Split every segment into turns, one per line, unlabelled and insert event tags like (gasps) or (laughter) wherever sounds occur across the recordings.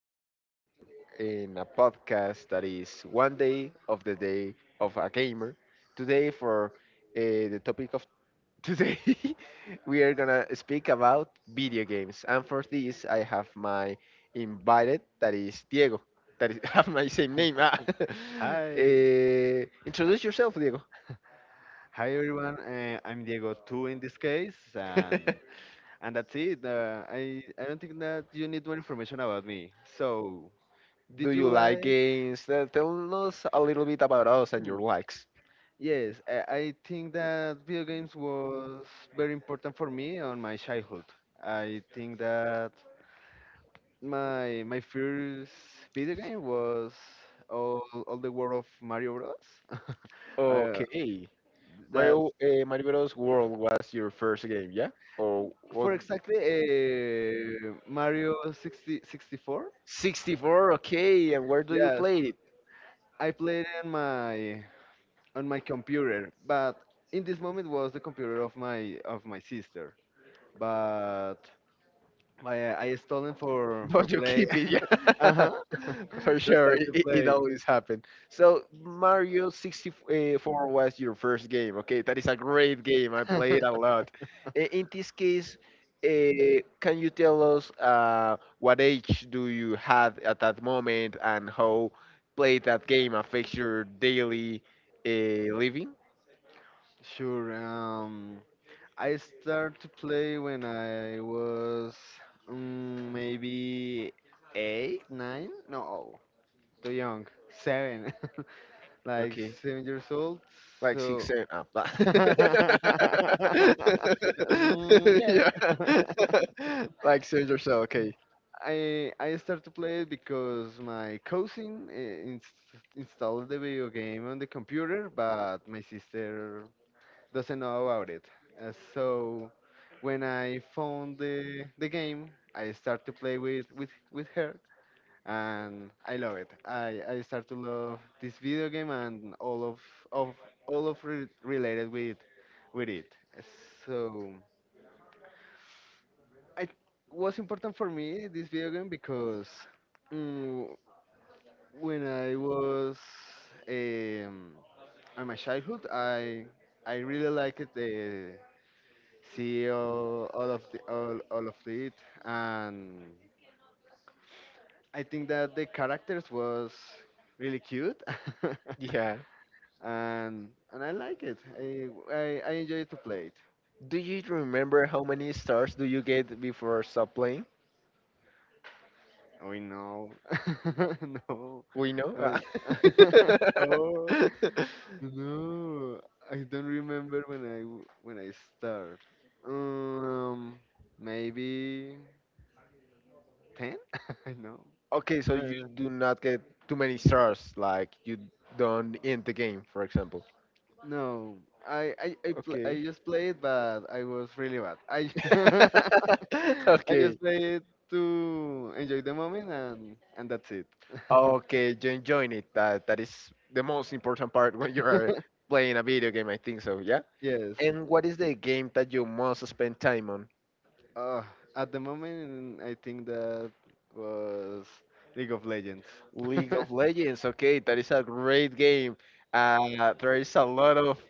today we are in a podcast that is one day of the day of a gamer. Today, for the topic of (laughs) today, we are gonna speak about video games. And for this, I have my invited, that is Diego, that is, (laughs) have my same name. Ah. (laughs)
Hi,
Introduce yourself, Diego.
hi everyone. I'm Diego Two in this case,
(laughs)
and that's it. I don't think that you need more information about me. So,
Do
did
you
you
like
like?
games? Tell us a little bit about us and your
Hmm,
likes.
Yes, I think that video games was very important for me on my childhood. I think that my first video game was all the world of Mario Bros. (laughs) uh,
Okay. Mario,
that's
Mario Bros. World was your first game, yeah? Or what?
for exactly Mario 60, 64.
64, okay. And where do you
Yes,
play it?
I played in my on my computer, but in this moment was the computer of my sister. But I stolen for
But you
play.
keep it,
(laughs) Uh
yeah.
huh.
(laughs) For
(laughs) Just
sure,
start
it,
to
it, it
play.
always happens. So Mario 64 was your first game. Okay, that is a great game. I played a
(laughs)
lot. In this case, can you tell us what age do you have at that moment and how play that game affects your daily living?
Sure. I started to play when I was maybe eight, nine, no, too young, seven, (laughs) like
Okay.
7 years old.
Like six,
So,
seven up. (laughs)
(laughs) Mm, yeah,
yeah. (laughs) Like six or so. Okay.
I started to play it because my cousin installed the video game on the computer, but my sister doesn't know about it. So when I found the game, I start to play with her, and I love it. I start to love this video game and all of all of re- related with it. So it was important for me this video game because mm, when I was um, in my childhood, I really liked the see all of it, and I think that the characters was really cute
Yeah.
(laughs) and I like it. I enjoy to play it.
Do you remember how many stars do you get before stop playing?
Oh, no. (laughs) No.
We know.
Uh, (laughs) oh,
(laughs)
no. I don't remember when I start, um maybe 10. (laughs) I know.
Okay, so you do not get too many stars. Like you don't end the game, for example.
No, I I I, pl
Okay.
I just played, but I was really bad. I (laughs)
(laughs)
I
okay.
just played to enjoy the moment, and that's it. (laughs)
Okay, you enjoying it. That is the most important part (laughs) when you are playing a video game, I think so, yeah?
Yes.
And what is the game that you most spend time on?
Uh, at the moment, I think that was League of Legends. (laughs)
League of Legends, okay, that is a great game. There is a lot of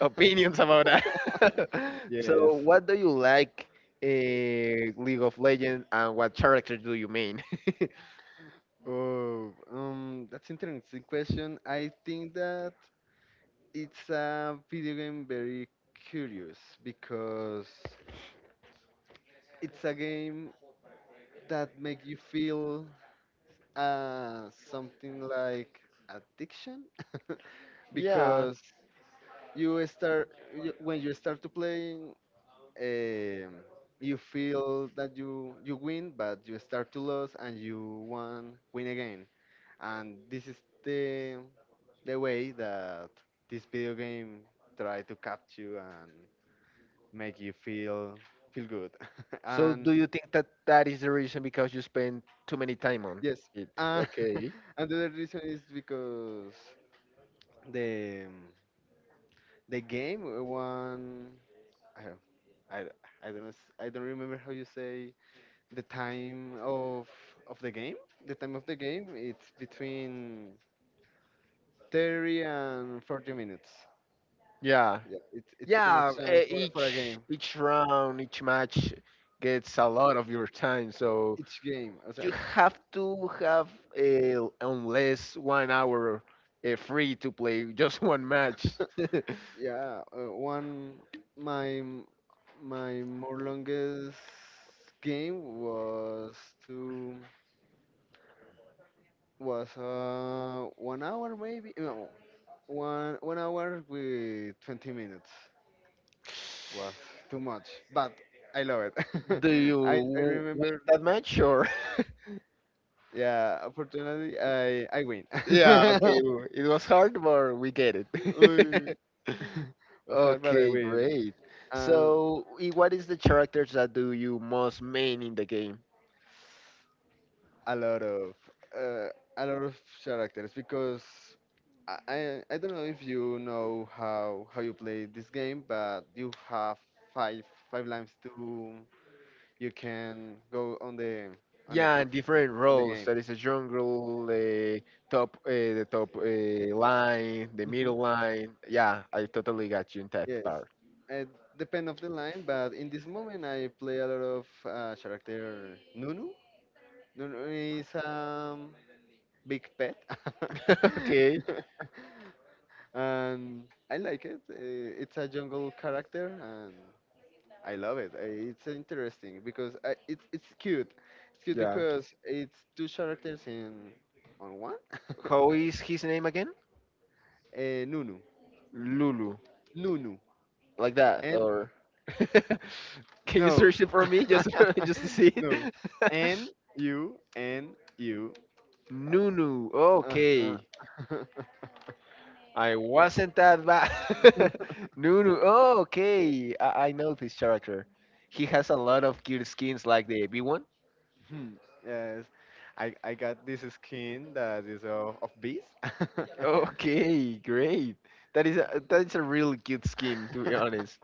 opinions about that. (laughs)
Yes.
So what do you like in League of Legends and what character do you main? (laughs)
Oh, that's interesting question. I think that it's a video game very curious because it's a game that make you feel uh, something like addiction (laughs)
Yeah.
because you start when you start to playing, um, you feel that you win but you start to lose and you want win again, and this is the the way that this video game try to catch you and make you feel good. (laughs)
So do
And
you think that that is the reason because you spend too many time on
yes.
it?
uh,
Okay.
(laughs) and the other reason is because the the game won. I, don't- I, don't- I don't know, I don't remember how you say the time of the game. The time of the game it's between 30 and 40 minutes.
Yeah.
Yeah, it's too
Yeah,
much time
eh,
for a
each
game.
each round, each match gets a lot of your time, so
Each game. O sea,
you have to have unless 1 hour free to play just one match. (laughs)
yeah, one my my more longest game was to was 1 hour, maybe. No, one hour with 20 minutes. Was too much, but I love it. (laughs)
Do you
I
w- win
remember,
that match or? (laughs)
yeah, unfortunately I win.
Yeah, okay,
(laughs)
it was hard, but we get it.
Uy,
(laughs)
(laughs) was hard but I
Okay,
win.
great.
Um,
So, what is the characters that do you most main in the game?
a lot of uh, characters because I, I I don't know if you know how you play this game, but you have five five lines to you can go on the on the
Yeah, and
pl-
different
on the
roles.
game.
That is a jungle, the top line, the
Hmm,
middle line. Yeah, I totally got you in that
yes,
part.
it depend of the line, but in this moment I play a lot of character Nunu. Nunu is big pet.
(laughs) okay.
(laughs) And I like it. It's a jungle character, and I love it. It's interesting because I, it's cute. It's cute
Yeah.
because it's two characters in on one.
How
(laughs)
is his name again?
Nunu,
Lulu,
Nunu,
like that,
and
or (laughs) can you
no,
search it for me just (laughs) just to see
(laughs)
it?
no, Nunu.
(laughs) Nunu.
Oh.
Okay.
Uh-huh. (laughs)
I wasn't that bad. (laughs) Nunu. Oh, okay. I know this character. He has a lot of cute skins like the B1. (laughs)
Hmm, yes, I got this skin that is of bees.
Okay, great. That is a real cute skin, to be
(laughs) (laughs)
honest.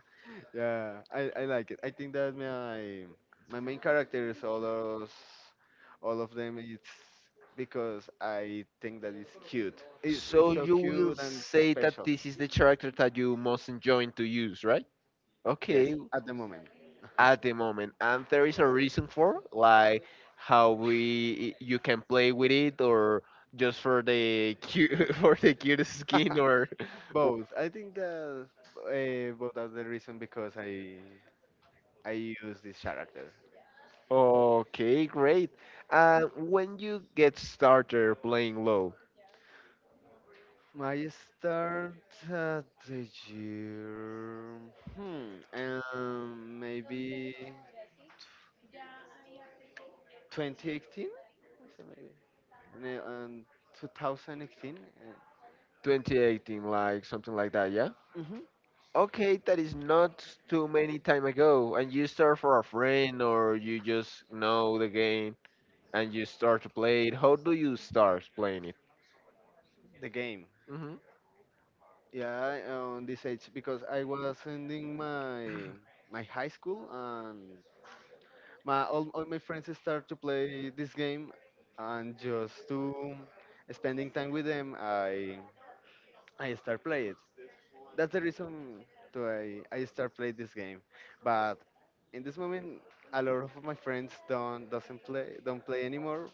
Yeah, I like it. I think that my main characters, all those, all of them, it's because I think that it's cute. It's
So
so
you will
cute and it's
say that
special.
this is the character that you most enjoying to use, right?
Yes,
Okay,
at the moment,
at the moment. And there is a reason for, like how we you can play with it or just for the cute (laughs) for the cutest skin or (laughs)
both. I think that both are the reason because I use this character.
okay, great. And when you get started playing low,
My start at the year, hmm, maybe 2018, I say maybe, and on 2018.
2018, like something like that, yeah?
uh, hmm
Okay, that is not too many time ago. And you start for a friend or you just know the game and you start to play it. How do you start playing it?
the game.
Hmm
Yeah, on this age because I was ending my high school and my all my friends start to play this game, and just to spending time with them, I start play it. That's the reason to I start play this game, but in this moment a lot of my friends don't play anymore,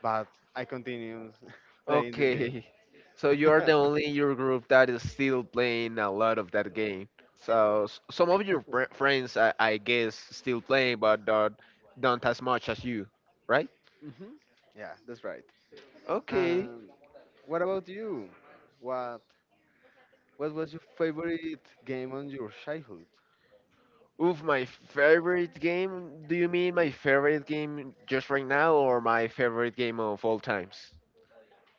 but I continue (laughs) playing this game.
Okay. (laughs) So you are the
(laughs)
only in your group that is still playing a lot of that game. So s- some of your friends, I guess, still playing, but not, not as much as you, right?
hmm Yeah, that's right.
Okay.
And what about you? What what was your favorite game on your childhood,
With my favorite game, do you mean my favorite game just right now or my favorite game of all times?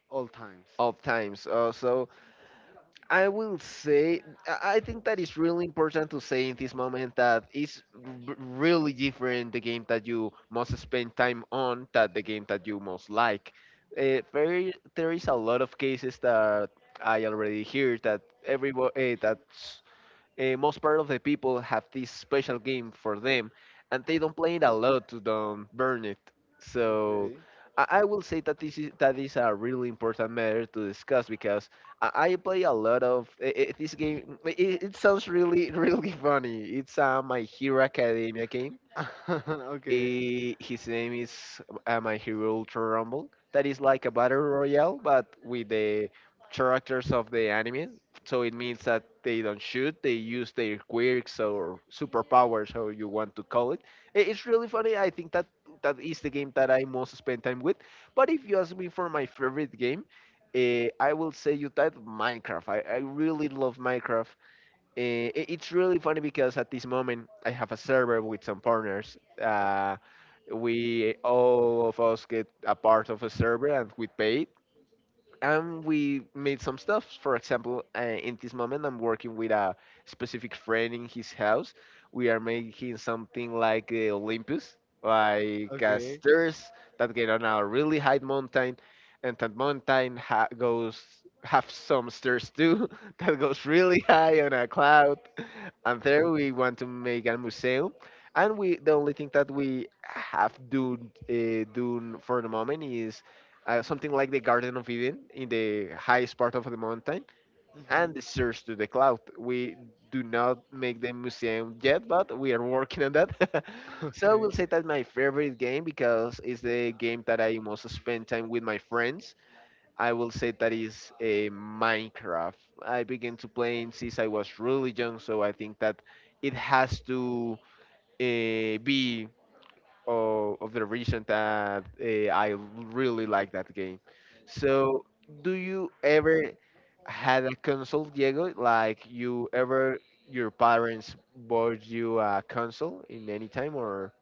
all times?
Of times. So I will say, I think that it's really important to say in this moment that it's really different the game that you must spend time on than the game that you most like. There is a lot of cases that I already hear that everybody, most part of the people have this special game for them, and they don't play it a lot to don't burn it. So
Okay.
I will say that this is that is a really important matter to discuss because I play a lot of this game. It sounds really (laughs) really funny. It's my Hero Academia game.
(laughs) Okay.
His name is My Hero Ultra Rumble. That is like a battle royale, but with the characters of the anime. So it means that they don't shoot; they use their quirks or superpowers, how you want to call it. It's really funny. I think that that is the game that I most spend time with. But if you ask me for my favorite game, I will say you type Minecraft. I really love Minecraft. It's really funny because at this moment I have a server with some partners. We all of us get a part of a server and we pay and we made some stuff. For example, in this moment, I'm working with a specific friend in his house. We are making something like the Olympus, like
Okay.
stairs that get on a really high mountain, and that mountain goes have some stairs too (laughs) that goes really high on a cloud. And there we want to make a museum. And we the only thing that we have do done for the moment is something like the Garden of Eden in the highest part of the mountain, and
Mhm.
the stairs to the cloud. We do not make the museum yet, but we are working on that.
(laughs)
(laughs) so I
Okay.
will say that my favorite game because it's the game that I most spend time with my friends. I will say that is a Minecraft. I began to play since I was really young, so I think that it has to be of the reason that I really like that game. So, do you ever had a console, Diego? Like you ever your parents bought you a console in any time,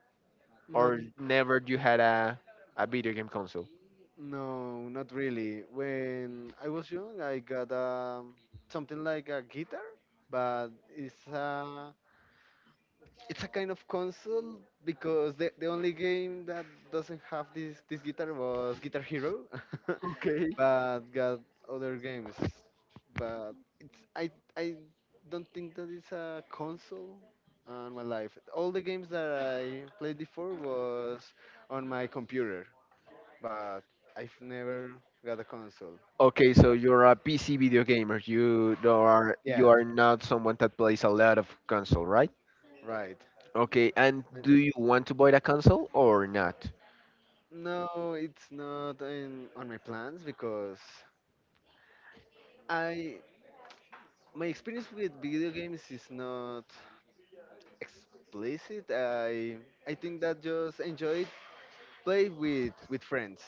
Not
or never you had a video game console?
No, not really. When I was young, I got something like a guitar, but it's a kind of console because the only game that doesn't have this guitar was Guitar Hero, (laughs)
Okay.
but got other games. But it's I don't think that it's a console on my life. All the games that I played before was on my computer, but I've never got a console.
Okay, so you're a PC video gamer. You don't are you
Yeah,
are not someone that plays a lot of console, right?
right.
Okay, and
Uh,
do you want to buy a console or not?
No, it's not on my plans because I my experience with video games is not explicit. I think that just enjoy it. Play with friends.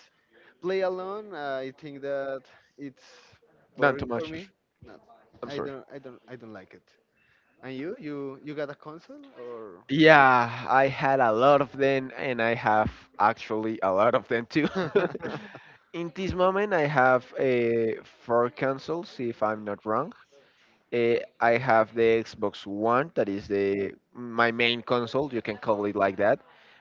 Play alone. I think that it's
Not too
boring for me.
much.
Not.
I'm
I
sorry.
don't. I don't. I don't like it. And you? You got a console or?
Yeah, I had a lot of them, and I have actually a lot of them too.
(laughs) Uh-huh.
(laughs) In this moment, I have four consoles, if I'm not wrong. I have the Xbox One, that is the my main console. You can call it like that.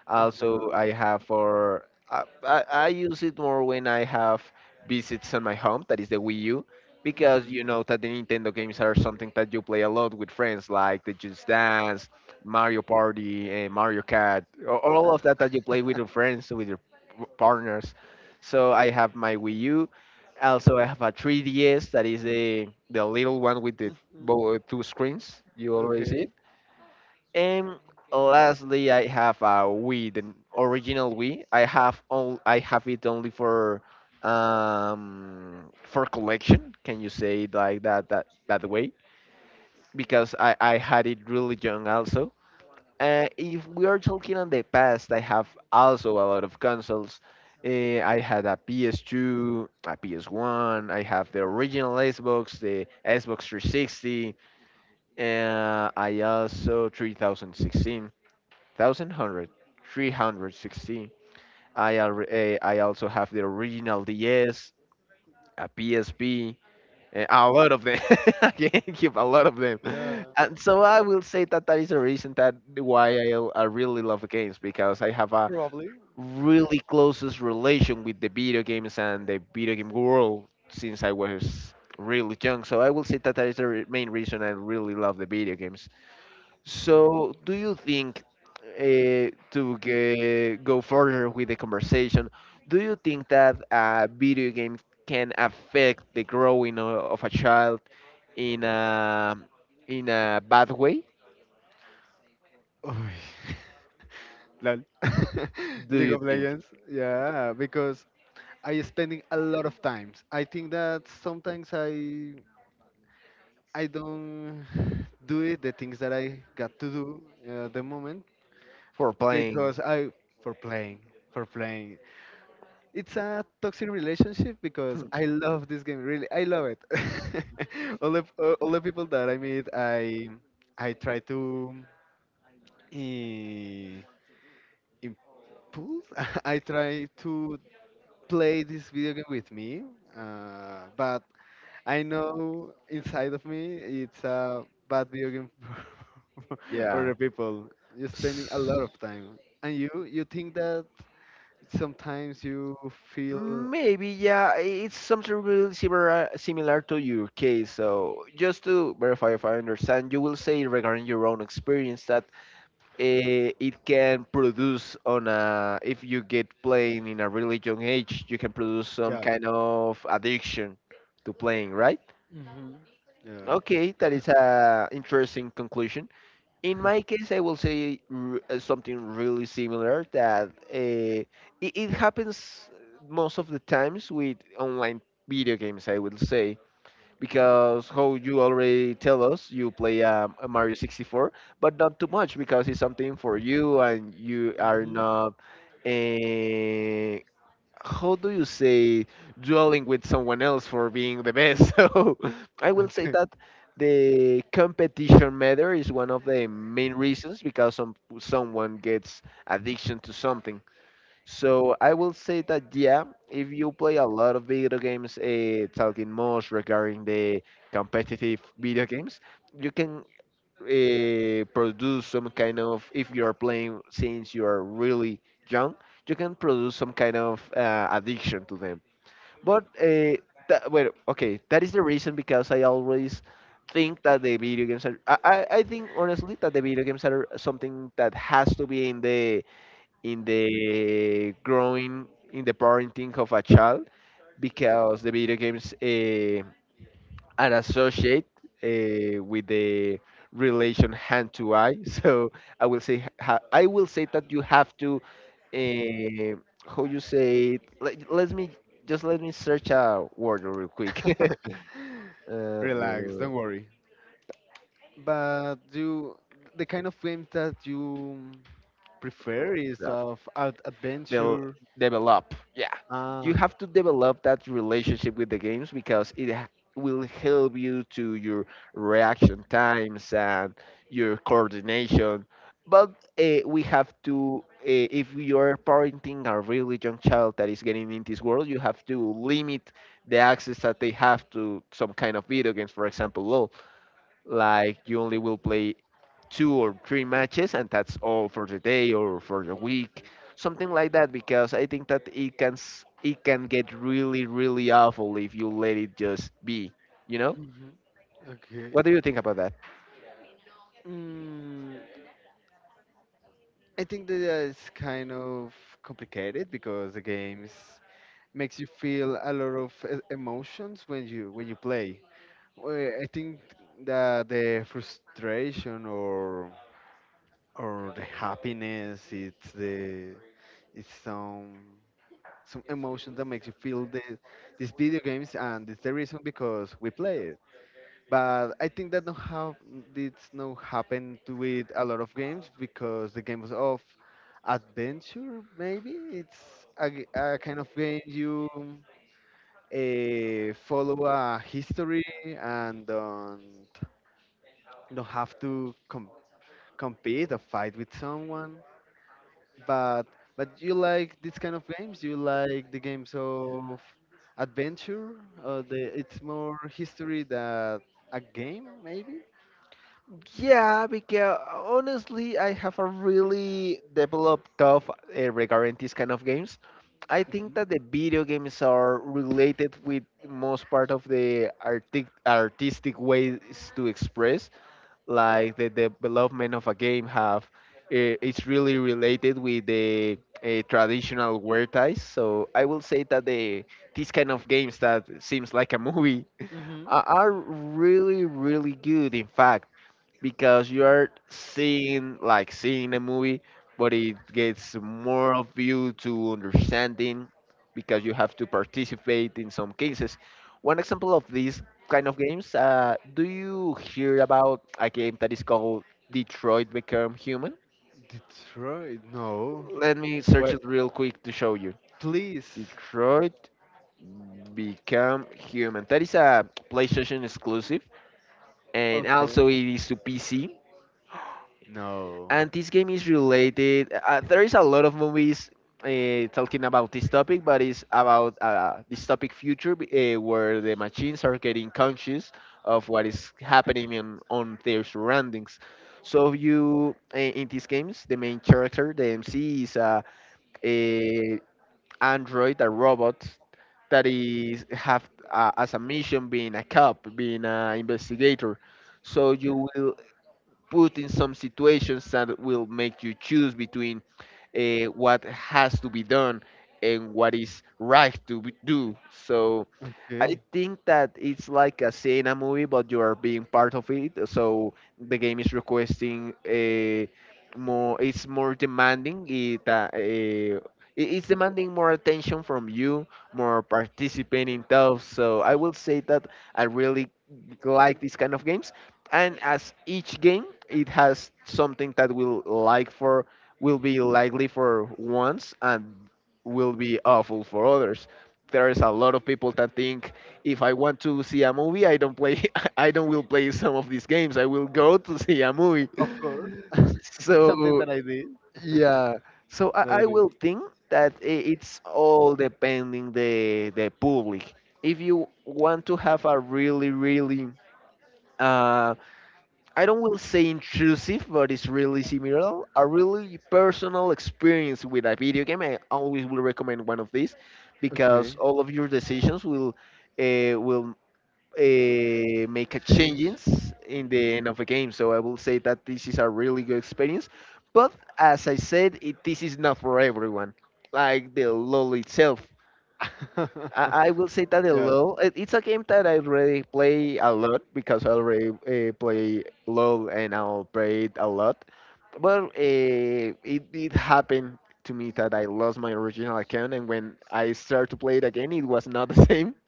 Also, I have for I use it more when I have visits on my home. That is the Wii U, because you know that the Nintendo games are something that you play a lot with friends, like the Just Dance, Mario Party, and Mario Kart, all
Mhm.
of that that you play with your friends, with your partners. So I have my Wii U. Also, I have a 3DS that is the little one with the
Mhm.
both two screens. You already see it.
Okay.
And lastly, I have a Wii, the original Wii. I have all. I have it only for collection. Can you say it like that that way? Because I had it really young also. If we are talking on the past, I have also a lot of consoles. I had a PS2, a PS1. I have the original Xbox, the Xbox 360. And I also three thousand sixteen thousand hundred three hundred sixteen. I also have the original DS, a PSP, a lot of them. (laughs) I can keep a lot of them.
Yeah.
And so I will say that that is the reason that why I really love games because I have a
Probably.
really closest relation with the video games and the video game world since I was really young. So I will say that that is the main reason I really love the video games. So, do you think, go further with the conversation, do you think that video games can affect the growing of a child in a in a bad way?
Oh. (laughs) Lol. (laughs)
Do
League
you
of
think
Legends. Yeah, because I spending a lot of times. I think that sometimes I don't do it the things that I got to do the moment
for playing?
because
(laughs)
I for playing, for playing. It's a toxic relationship because
Hmm,
I love this game really. I love it. (laughs) All the people that I meet, I try to. eh, Impulse. (laughs) I try to play this video game with me, but I know inside of me it's a bad video game (laughs) for
Yeah.
the people. You're spending a lot
S-
of time, and you think that sometimes you feel
Maybe, yeah, it's something really similar to your case. So, just to verify if I understand, you will say regarding your own experience that it can produce on a if you get playing in a really young age you can produce some
yeah,
kind of addiction to playing, right?
hmm, yeah,
Okay, that is a interesting conclusion. In my case I will say something really similar, that it happens most of the times with online video games, I will say, because how you already tell us you play a Mario 64, but not too much because it's something for you and you are
hmm,
not eh, how do you say, dueling with someone else for being the best, (laughs) so I will say
okay.
that the competition matter is one of the main reasons because someone gets addiction to something. So I will say that yeah, if you play a lot of video games, talking most regarding the competitive video games, you can produce some kind of, if you are playing since you are really young, you can produce some kind of addiction to them. But uh, okay, that is the reason because I always think that the video games are. I think honestly that the video games are something that has to be in the growing, in the parenting of a child, because the video games are associated with the relation hand to eye. (laughs) So I will say that you have to uh, how you say it? Let me just let me search a word real quick.
(laughs) Relax, don't worry. But you the kind of games that you
(laughs)
prefer is
uh,
of ad
they'll
adventure.
develop. Yeah, you
Ah,
have to develop that relationship with the games because it will help you to your reaction times and your coordination. But we have to, if you are parenting a really young child that is getting in this world, you have to limit the access that they have to some kind of video games, for example, LOL, like you only will play two or three matches and that's all for the day or for the week, something like that, because I think that it can it can get really really awful if you let it just be you know
Mhm. Okay.
what do you think about that?
Mm, I think that is kind of complicated because the games makes you feel a lot of emotions when you play. Well, I think that the frustration or the happiness it's the it's some emotion that makes you feel these video games and it's the reason because we play it. But I think that don't have did not happen to with a lot of games because the games of adventure maybe a kind of game you follow a history and don't have to compete or fight with someone. But but you like this kind of games? You like the games of adventure? Or the it's more history than a game maybe?
Yeah, because honestly, I have a really developed tough regarding these kind of games. I think that the video games are related with most part of the artic artistic ways to express. Like the development of a game have it's really related with the traditional wear ties, so I will say that these kind of games that seems like a movie (laughs)
Mm-hmm.
are really really good, in fact, because you are seeing like seeing a movie, but it gets more of you to understanding, because you have to participate in some cases. One example of these kind of games, do you hear about a game that is called Detroit Become Human?
Detroit, no.
Let me search
Where?
it real quick to show you.
Please.
Detroit Become Human, that is a PlayStation exclusive, and
Okay.
also it is to PC.
No.
And this game is related. There is a lot of movies talking about this topic, but it's about this topic future, where the machines are getting conscious of what is happening in, on their surroundings. So you in these games, the main character, the MC, is a android, a robot that is have as a mission being a cop, being an investigator. So you will put in some situations that will make you choose between what has to be done and what is right to be, do. So I
Okay.
think that it's like a seeing a movie, but you are being part of it. So the game is requesting a more. It's more demanding. It it- it's demanding more attention from you, more participating stuff. So I will say that I really like these kind of games. And as each game, it has something that will like for will be likely for once and will be awful for others. There is a lot of people that think, if I want to see a movie, I don't play, (laughs) I don't will play some of these games. I will go to (laughs) see a movie.
Of course.
(laughs)
(laughs) It's something
So
that I did. (laughs)
yeah, so
That I
I
do.
will think that it's all depending the public. If you want to have a really really um I don't will say intrusive, but it's really similar. A really personal experience with a video game, I always will recommend one of these, because
Okay.
all of your decisions will make a
Change.
changes in
Mhm.
the end of a game. So I will say that this is a really good experience. But as I said, it, this is not for everyone. Like the LOL itself, I
(laughs)
will say that
Yeah.
LOL. It, it's a game that I already play a lot because I already play LOL and I'll play it a lot. But it it happened to me that I lost my original account, and when I started to play it again, it was not the same. (laughs)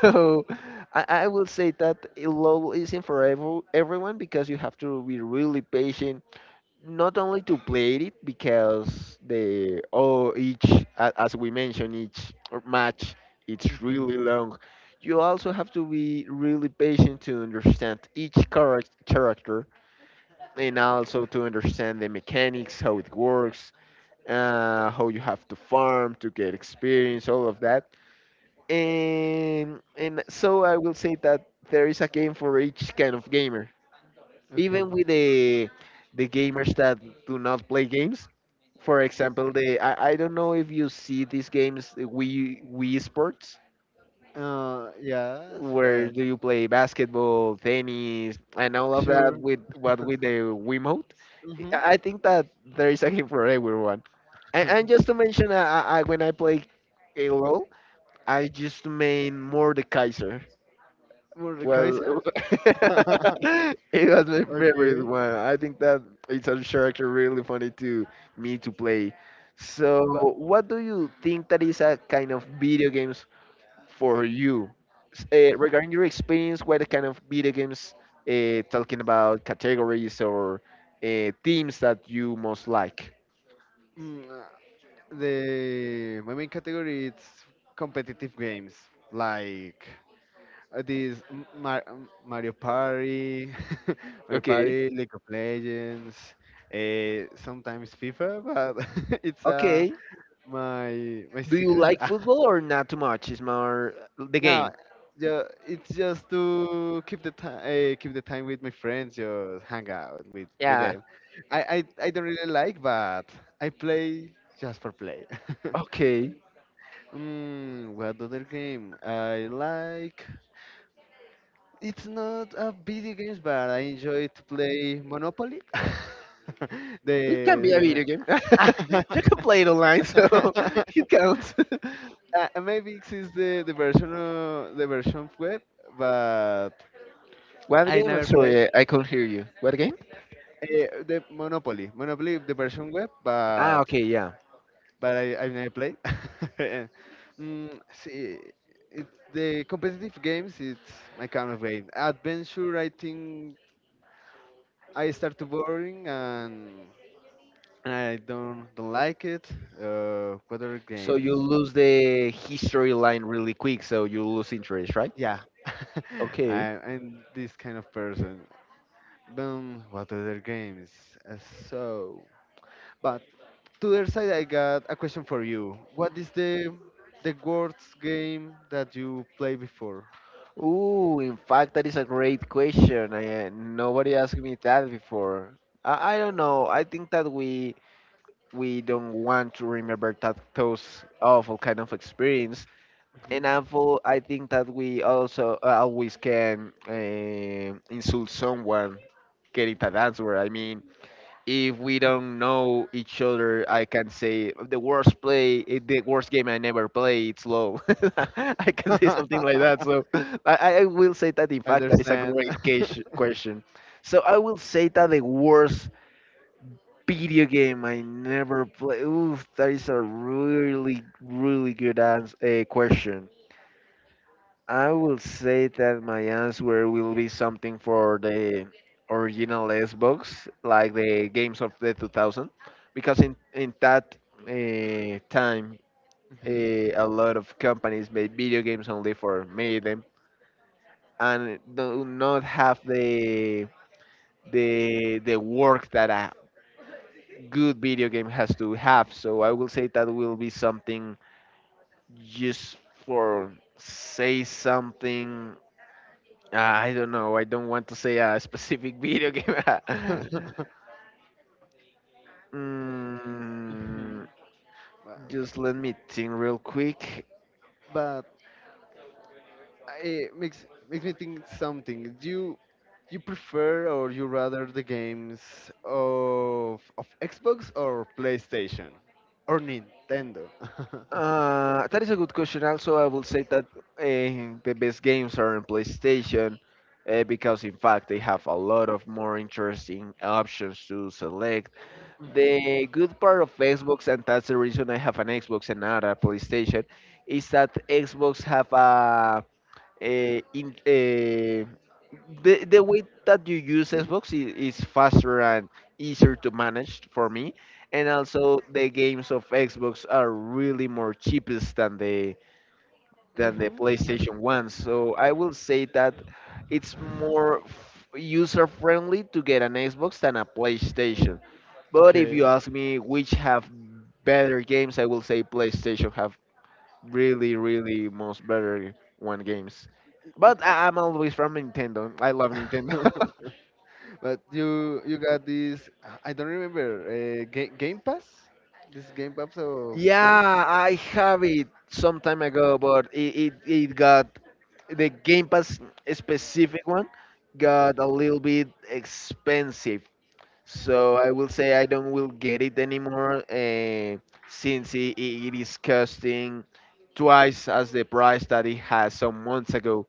So I will say that LOL isn't for everyone, because you have to be really patient, not only to play it, because the oh each as we mentioned, each match, it's
Mm-hmm.
really long. You also have to be really patient to understand each character, and also to understand the mechanics, how it works, how you have to farm to get experience, all of that. And so I will say that there is a game for each kind of gamer,
Okay.
even with the gamers that do not play games. For example, the I don't know if you see these games we sports,
Yes.
where do you play basketball, tennis, and all of that
Sure.
with what, with the Wiimote.
Mm-hmm.
I think that there is a game for everyone. And
(laughs)
just to mention, I when I play a LOL, I just main more the Kaiser.
Mordekaiser?
Well, (laughs)
(laughs)
it was my favorite
Okay.
one. I think that it's a character really funny to me to play. So,
But
what do you think that is a kind of video games for you? Regarding your experience, what kind of video games, talking about categories or themes that you most like?
Mm, The my main category it's competitive games like Mario Party, (laughs) Mario
Okay.
Party, League of Legends, sometimes FIFA, but (laughs) it's
Okay.
my
Do you
secret.
like football or not too much? It's more
(laughs)
the
No,
game.
it's just to keep the time with my friends, just hang out with
Yeah.
them. I don't really like, but I play just for play. (laughs)
Okay.
Mm, what other game I like? It's not a video games, but I enjoy to play Monopoly. (laughs)
It can
the,
be
the
a
game.
video game. (laughs) You can play it online, so (laughs) it
(laughs)
counts.
Maybe it is the the version of web, but
(laughs) What
I
game? I'm
never played
sorry, I can't hear you. What game?
the Monopoly. Monopoly the version web,
Ah,
but
okay, yeah.
I never play. (laughs) See, it, the competitive games, it's my kind of game. Adventure, I think I start to boring and I don't like it. What other
So
games?
you lose the history line really quick, so you lose interest, right?
Yeah, (laughs)
Okay.
I'm this kind of person. Boom, what other games? Uh, so, but to the other side, I got a question for you. What is the worst game that you played before?
Ooh, in fact, that is a great question. I, nobody asked me that before. I don't know. I think that we don't want to remember that those awful kind of experience. And awful, I think that we also always can insult someone getting that answer. I mean, if we don't know each other, I can say the worst play, eh, the worst game I never play. It's low. (laughs) I
(laughs)
can say
I
something like that. So I will say that. In fact, that is a
understand.
great case, question. So I will say that the worst video game I never play. Oof, that is a really, really good answer, question. I will say that my answer will be something for the original Xbox, like the games of the 2000, because in that time,
Hmm
a lot of companies made video games only for made them and do not have the the work that a good video game has to have. So I will say that will be something just for say something. I don't know. I don't want to say a specific video game. (laughs)
hmm
Mm,
But
just let me think real quick.
(laughs) but it makes me think something. Do you prefer or you rather the games of Xbox or PlayStation or Nintendo? (laughs)
That is a good question. Also, I will say that the best games are on PlayStation, because, in fact, they have a lot of more interesting options to select.
hmm
The good part of Xbox, and that's the reason I have an Xbox and not a PlayStation, is that Xbox have a, in the way that you use Xbox is faster and easier to manage for me, and also the games of Xbox are really more cheapest than the
hmm
PlayStation ones. So I will say that it's more user friendly to get an Xbox than a PlayStation. But if
okay.
you ask me which have better games, I will say PlayStation have really, really most better one games. But I'm always from Nintendo. I love Nintendo. (laughs)
(laughs) But you got this, I don't remember Game Pass. This Game Pass of this.
Yeah, I have it some time ago, but it got the Game Pass specific one got a little bit expensive. So I will say I don't will get it anymore, since it is costing twice as the price that it has some months ago.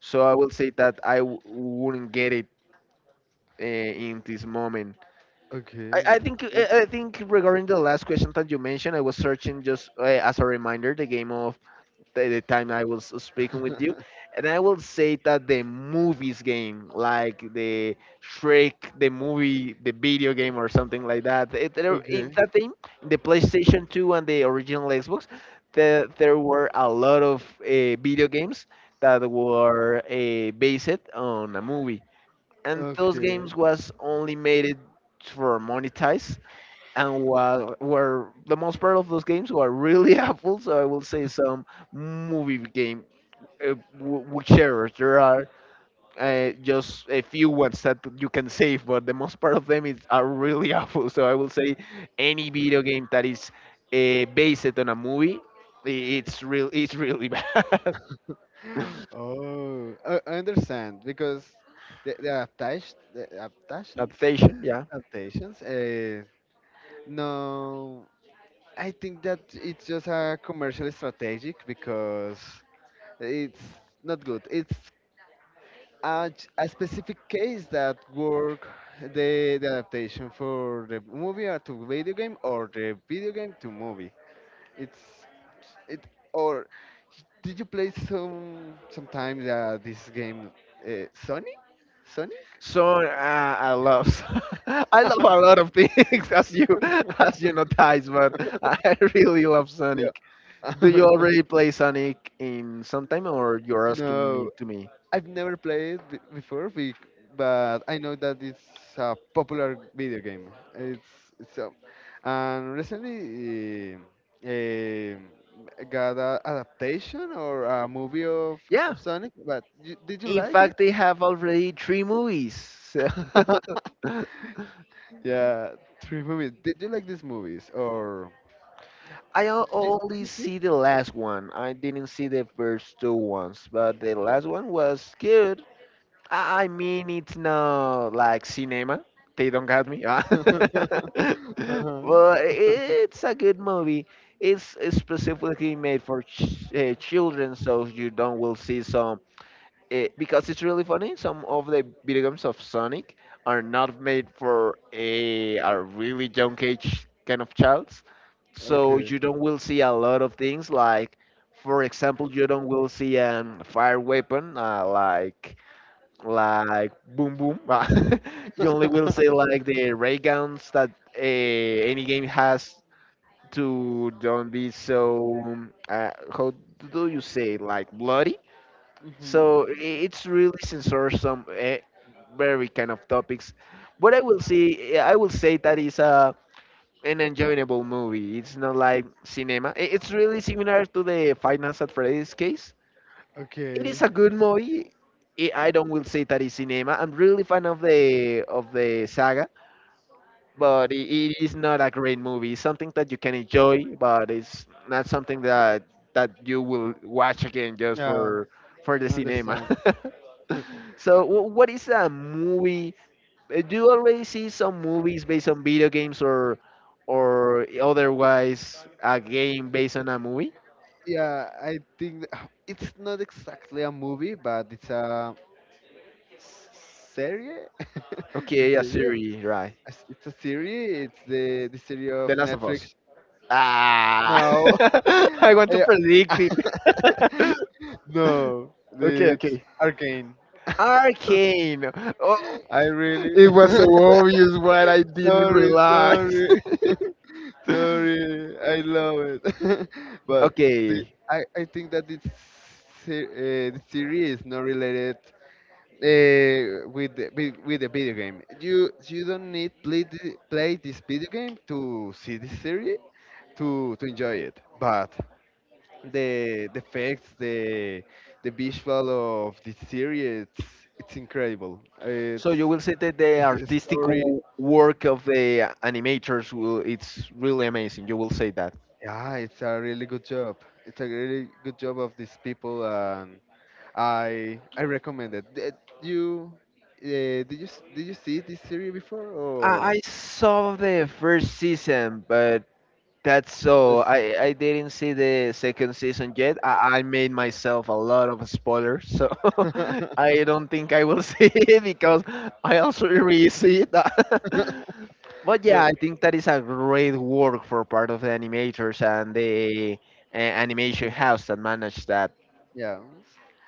So I will say that I wouldn't get it in this moment. I, I
Okay.
think I I think regarding the last question that you mentioned, I was searching just as a reminder the game of the time I was speaking with you,
(laughs)
and I will say that the movies game, like the Shrek, the movie, the video game or something like that. In
Okay,
that game, in the PlayStation 2 and the original Xbox, there were a lot of video games that were based on a movie, and those
okay.
games was only made it for monetize. And while were, the most part of those games were really (laughs) awful, so I will say some movie game, whichever there are, just a few ones that you can save, but the most part of them is are really (laughs) awful. So I will say any video game that is based on a movie, it's really (laughs) bad. (laughs)
Oh, I understand because the
Adaptation, yeah.
adaptations. No, I think that it's just a commercial strategic because it's not good. A specific case that work the adaptation for the movie or to video game or the video game to movie. It's It or Did you play sometimes this game, Sonic? Sonic?
So I love, (laughs) I love a lot of things, (laughs) as you, as you notice, but I (laughs) really love Sonic. Do you
Yeah. (laughs)
already play Sonic in some time, or you're asking
No,
it to me?
I've never played it before, but I know that it's a popular video game. It's a, and recently got a adaptation or a movie
Yeah.
of Sonic. But you, did you
In
like it?
fact, they have already three movies. So (laughs)
(laughs) Yeah, three movies. Did you like these movies or? Did
only
you see?
see the last one. I didn't see the first two ones, but the last one was good. I mean, it's not like cinema. They don't got me. Ah. (laughs)
(laughs) Uh-huh.
But it's a good movie. It's specifically made for children, so you don't will see some. Because it's really funny. Some of the video games of Sonic are not made for a really young age kind of childs. So
Okay.
you don't will see a lot of things like, for example, you don't will see a fire weapon like boom boom. (laughs) You only will see
(laughs)
like the ray guns that any game has to don't be so how do you say it? Like bloody.
hmm
So it's really sensorsome, very kind of topics. But I will see, I will say that is a an enjoyable movie. It's not like cinema. It's really similar to the Five Nights at Freddy's case. It
Okay.
is a good movie. I don't will say that it's cinema. I'm really fan of the saga, but it is not a great movie. It's something that you can enjoy, but it's not something that you will watch again just
Yeah,
for the
I
cinema.
understand.
(laughs) So, what is a movie? Do you always see some movies based on video games or otherwise a game based on a movie?
Yeah, I think (sighs) it's not exactly a movie, but it's a serie. (laughs) It's
Okay,
a
a
serie.
series, right?
It's a serie. It's the series
The
of
Last of
Netflix.
Us. Ah,
No. (laughs)
(laughs) I want to
Yeah.
predict it.
(laughs) No,
(laughs) Okay,
it's
okay.
Arcane.
Arcane. Oh,
I really.
it was so obvious what I
(laughs)
didn't
Sorry,
realize.
sorry, (laughs)
(laughs)
sorry. I love it. (laughs) But
Okay,
I think that the series is not related with, with the video game. You don't need play this video game to see this series to enjoy it. But the effects, the visual of this series, it's incredible.
so
It's
you will say that the
a
artistic
story.
work of the animators will it's really amazing. You will say that.
Yeah, it's a really good job. It's a really good job of these people, and I recommend it. You did you see this series before
I
or?
I saw the first season, but that's so.
This?
I didn't see the second season yet. I made myself a lot of spoilers, so (laughs)
(laughs)
I don't think I will (laughs) see it, because I also really see it. (laughs) But yeah,
But
I think that is a great work for part of the animators and the animation house that managed that
yeah,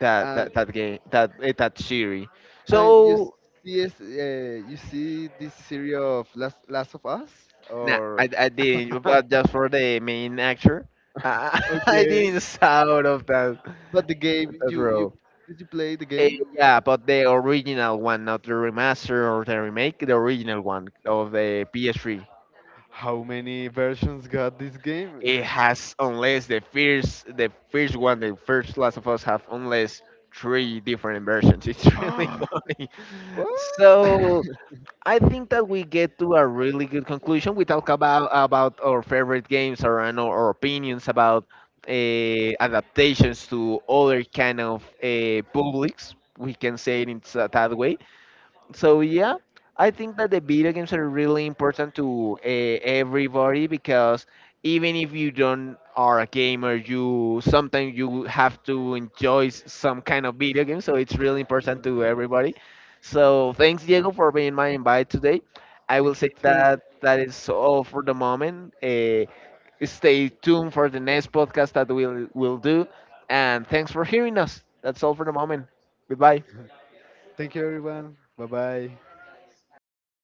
that
and
that, that game, that that series.
and
So
you see this series of Last of Us
nah,
or?
I didn't. But just for the main actor, I, (laughs) I
Okay.
didn't saw out of that,
But the game,
that
you
role.
did you play the game?
Yeah, but the original one, not the remaster or the remake, the original one of the PS3.
How many versions got this game?
It has unless the first one, the first Last of Us have unless three different versions. It's (laughs) really
(laughs)
funny.
(gasps) What? (laughs)
So I think that we get to a really good conclusion. We talk about our favorite games or and our opinions about adaptations to other kind of publics. We can say it in that way. So yeah, I think that the video games are really important to everybody, because even if you don't are a gamer, you sometimes you have to enjoy some kind of video game. So it's really important to everybody. So thanks Diego for being my invite today. I will
Thank
say
you too.
that that is all for the moment. Stay tuned for the next podcast that we'll do, and thanks for hearing us. That's all for the moment. Goodbye.
Thank you everyone. Bye bye. (laughs)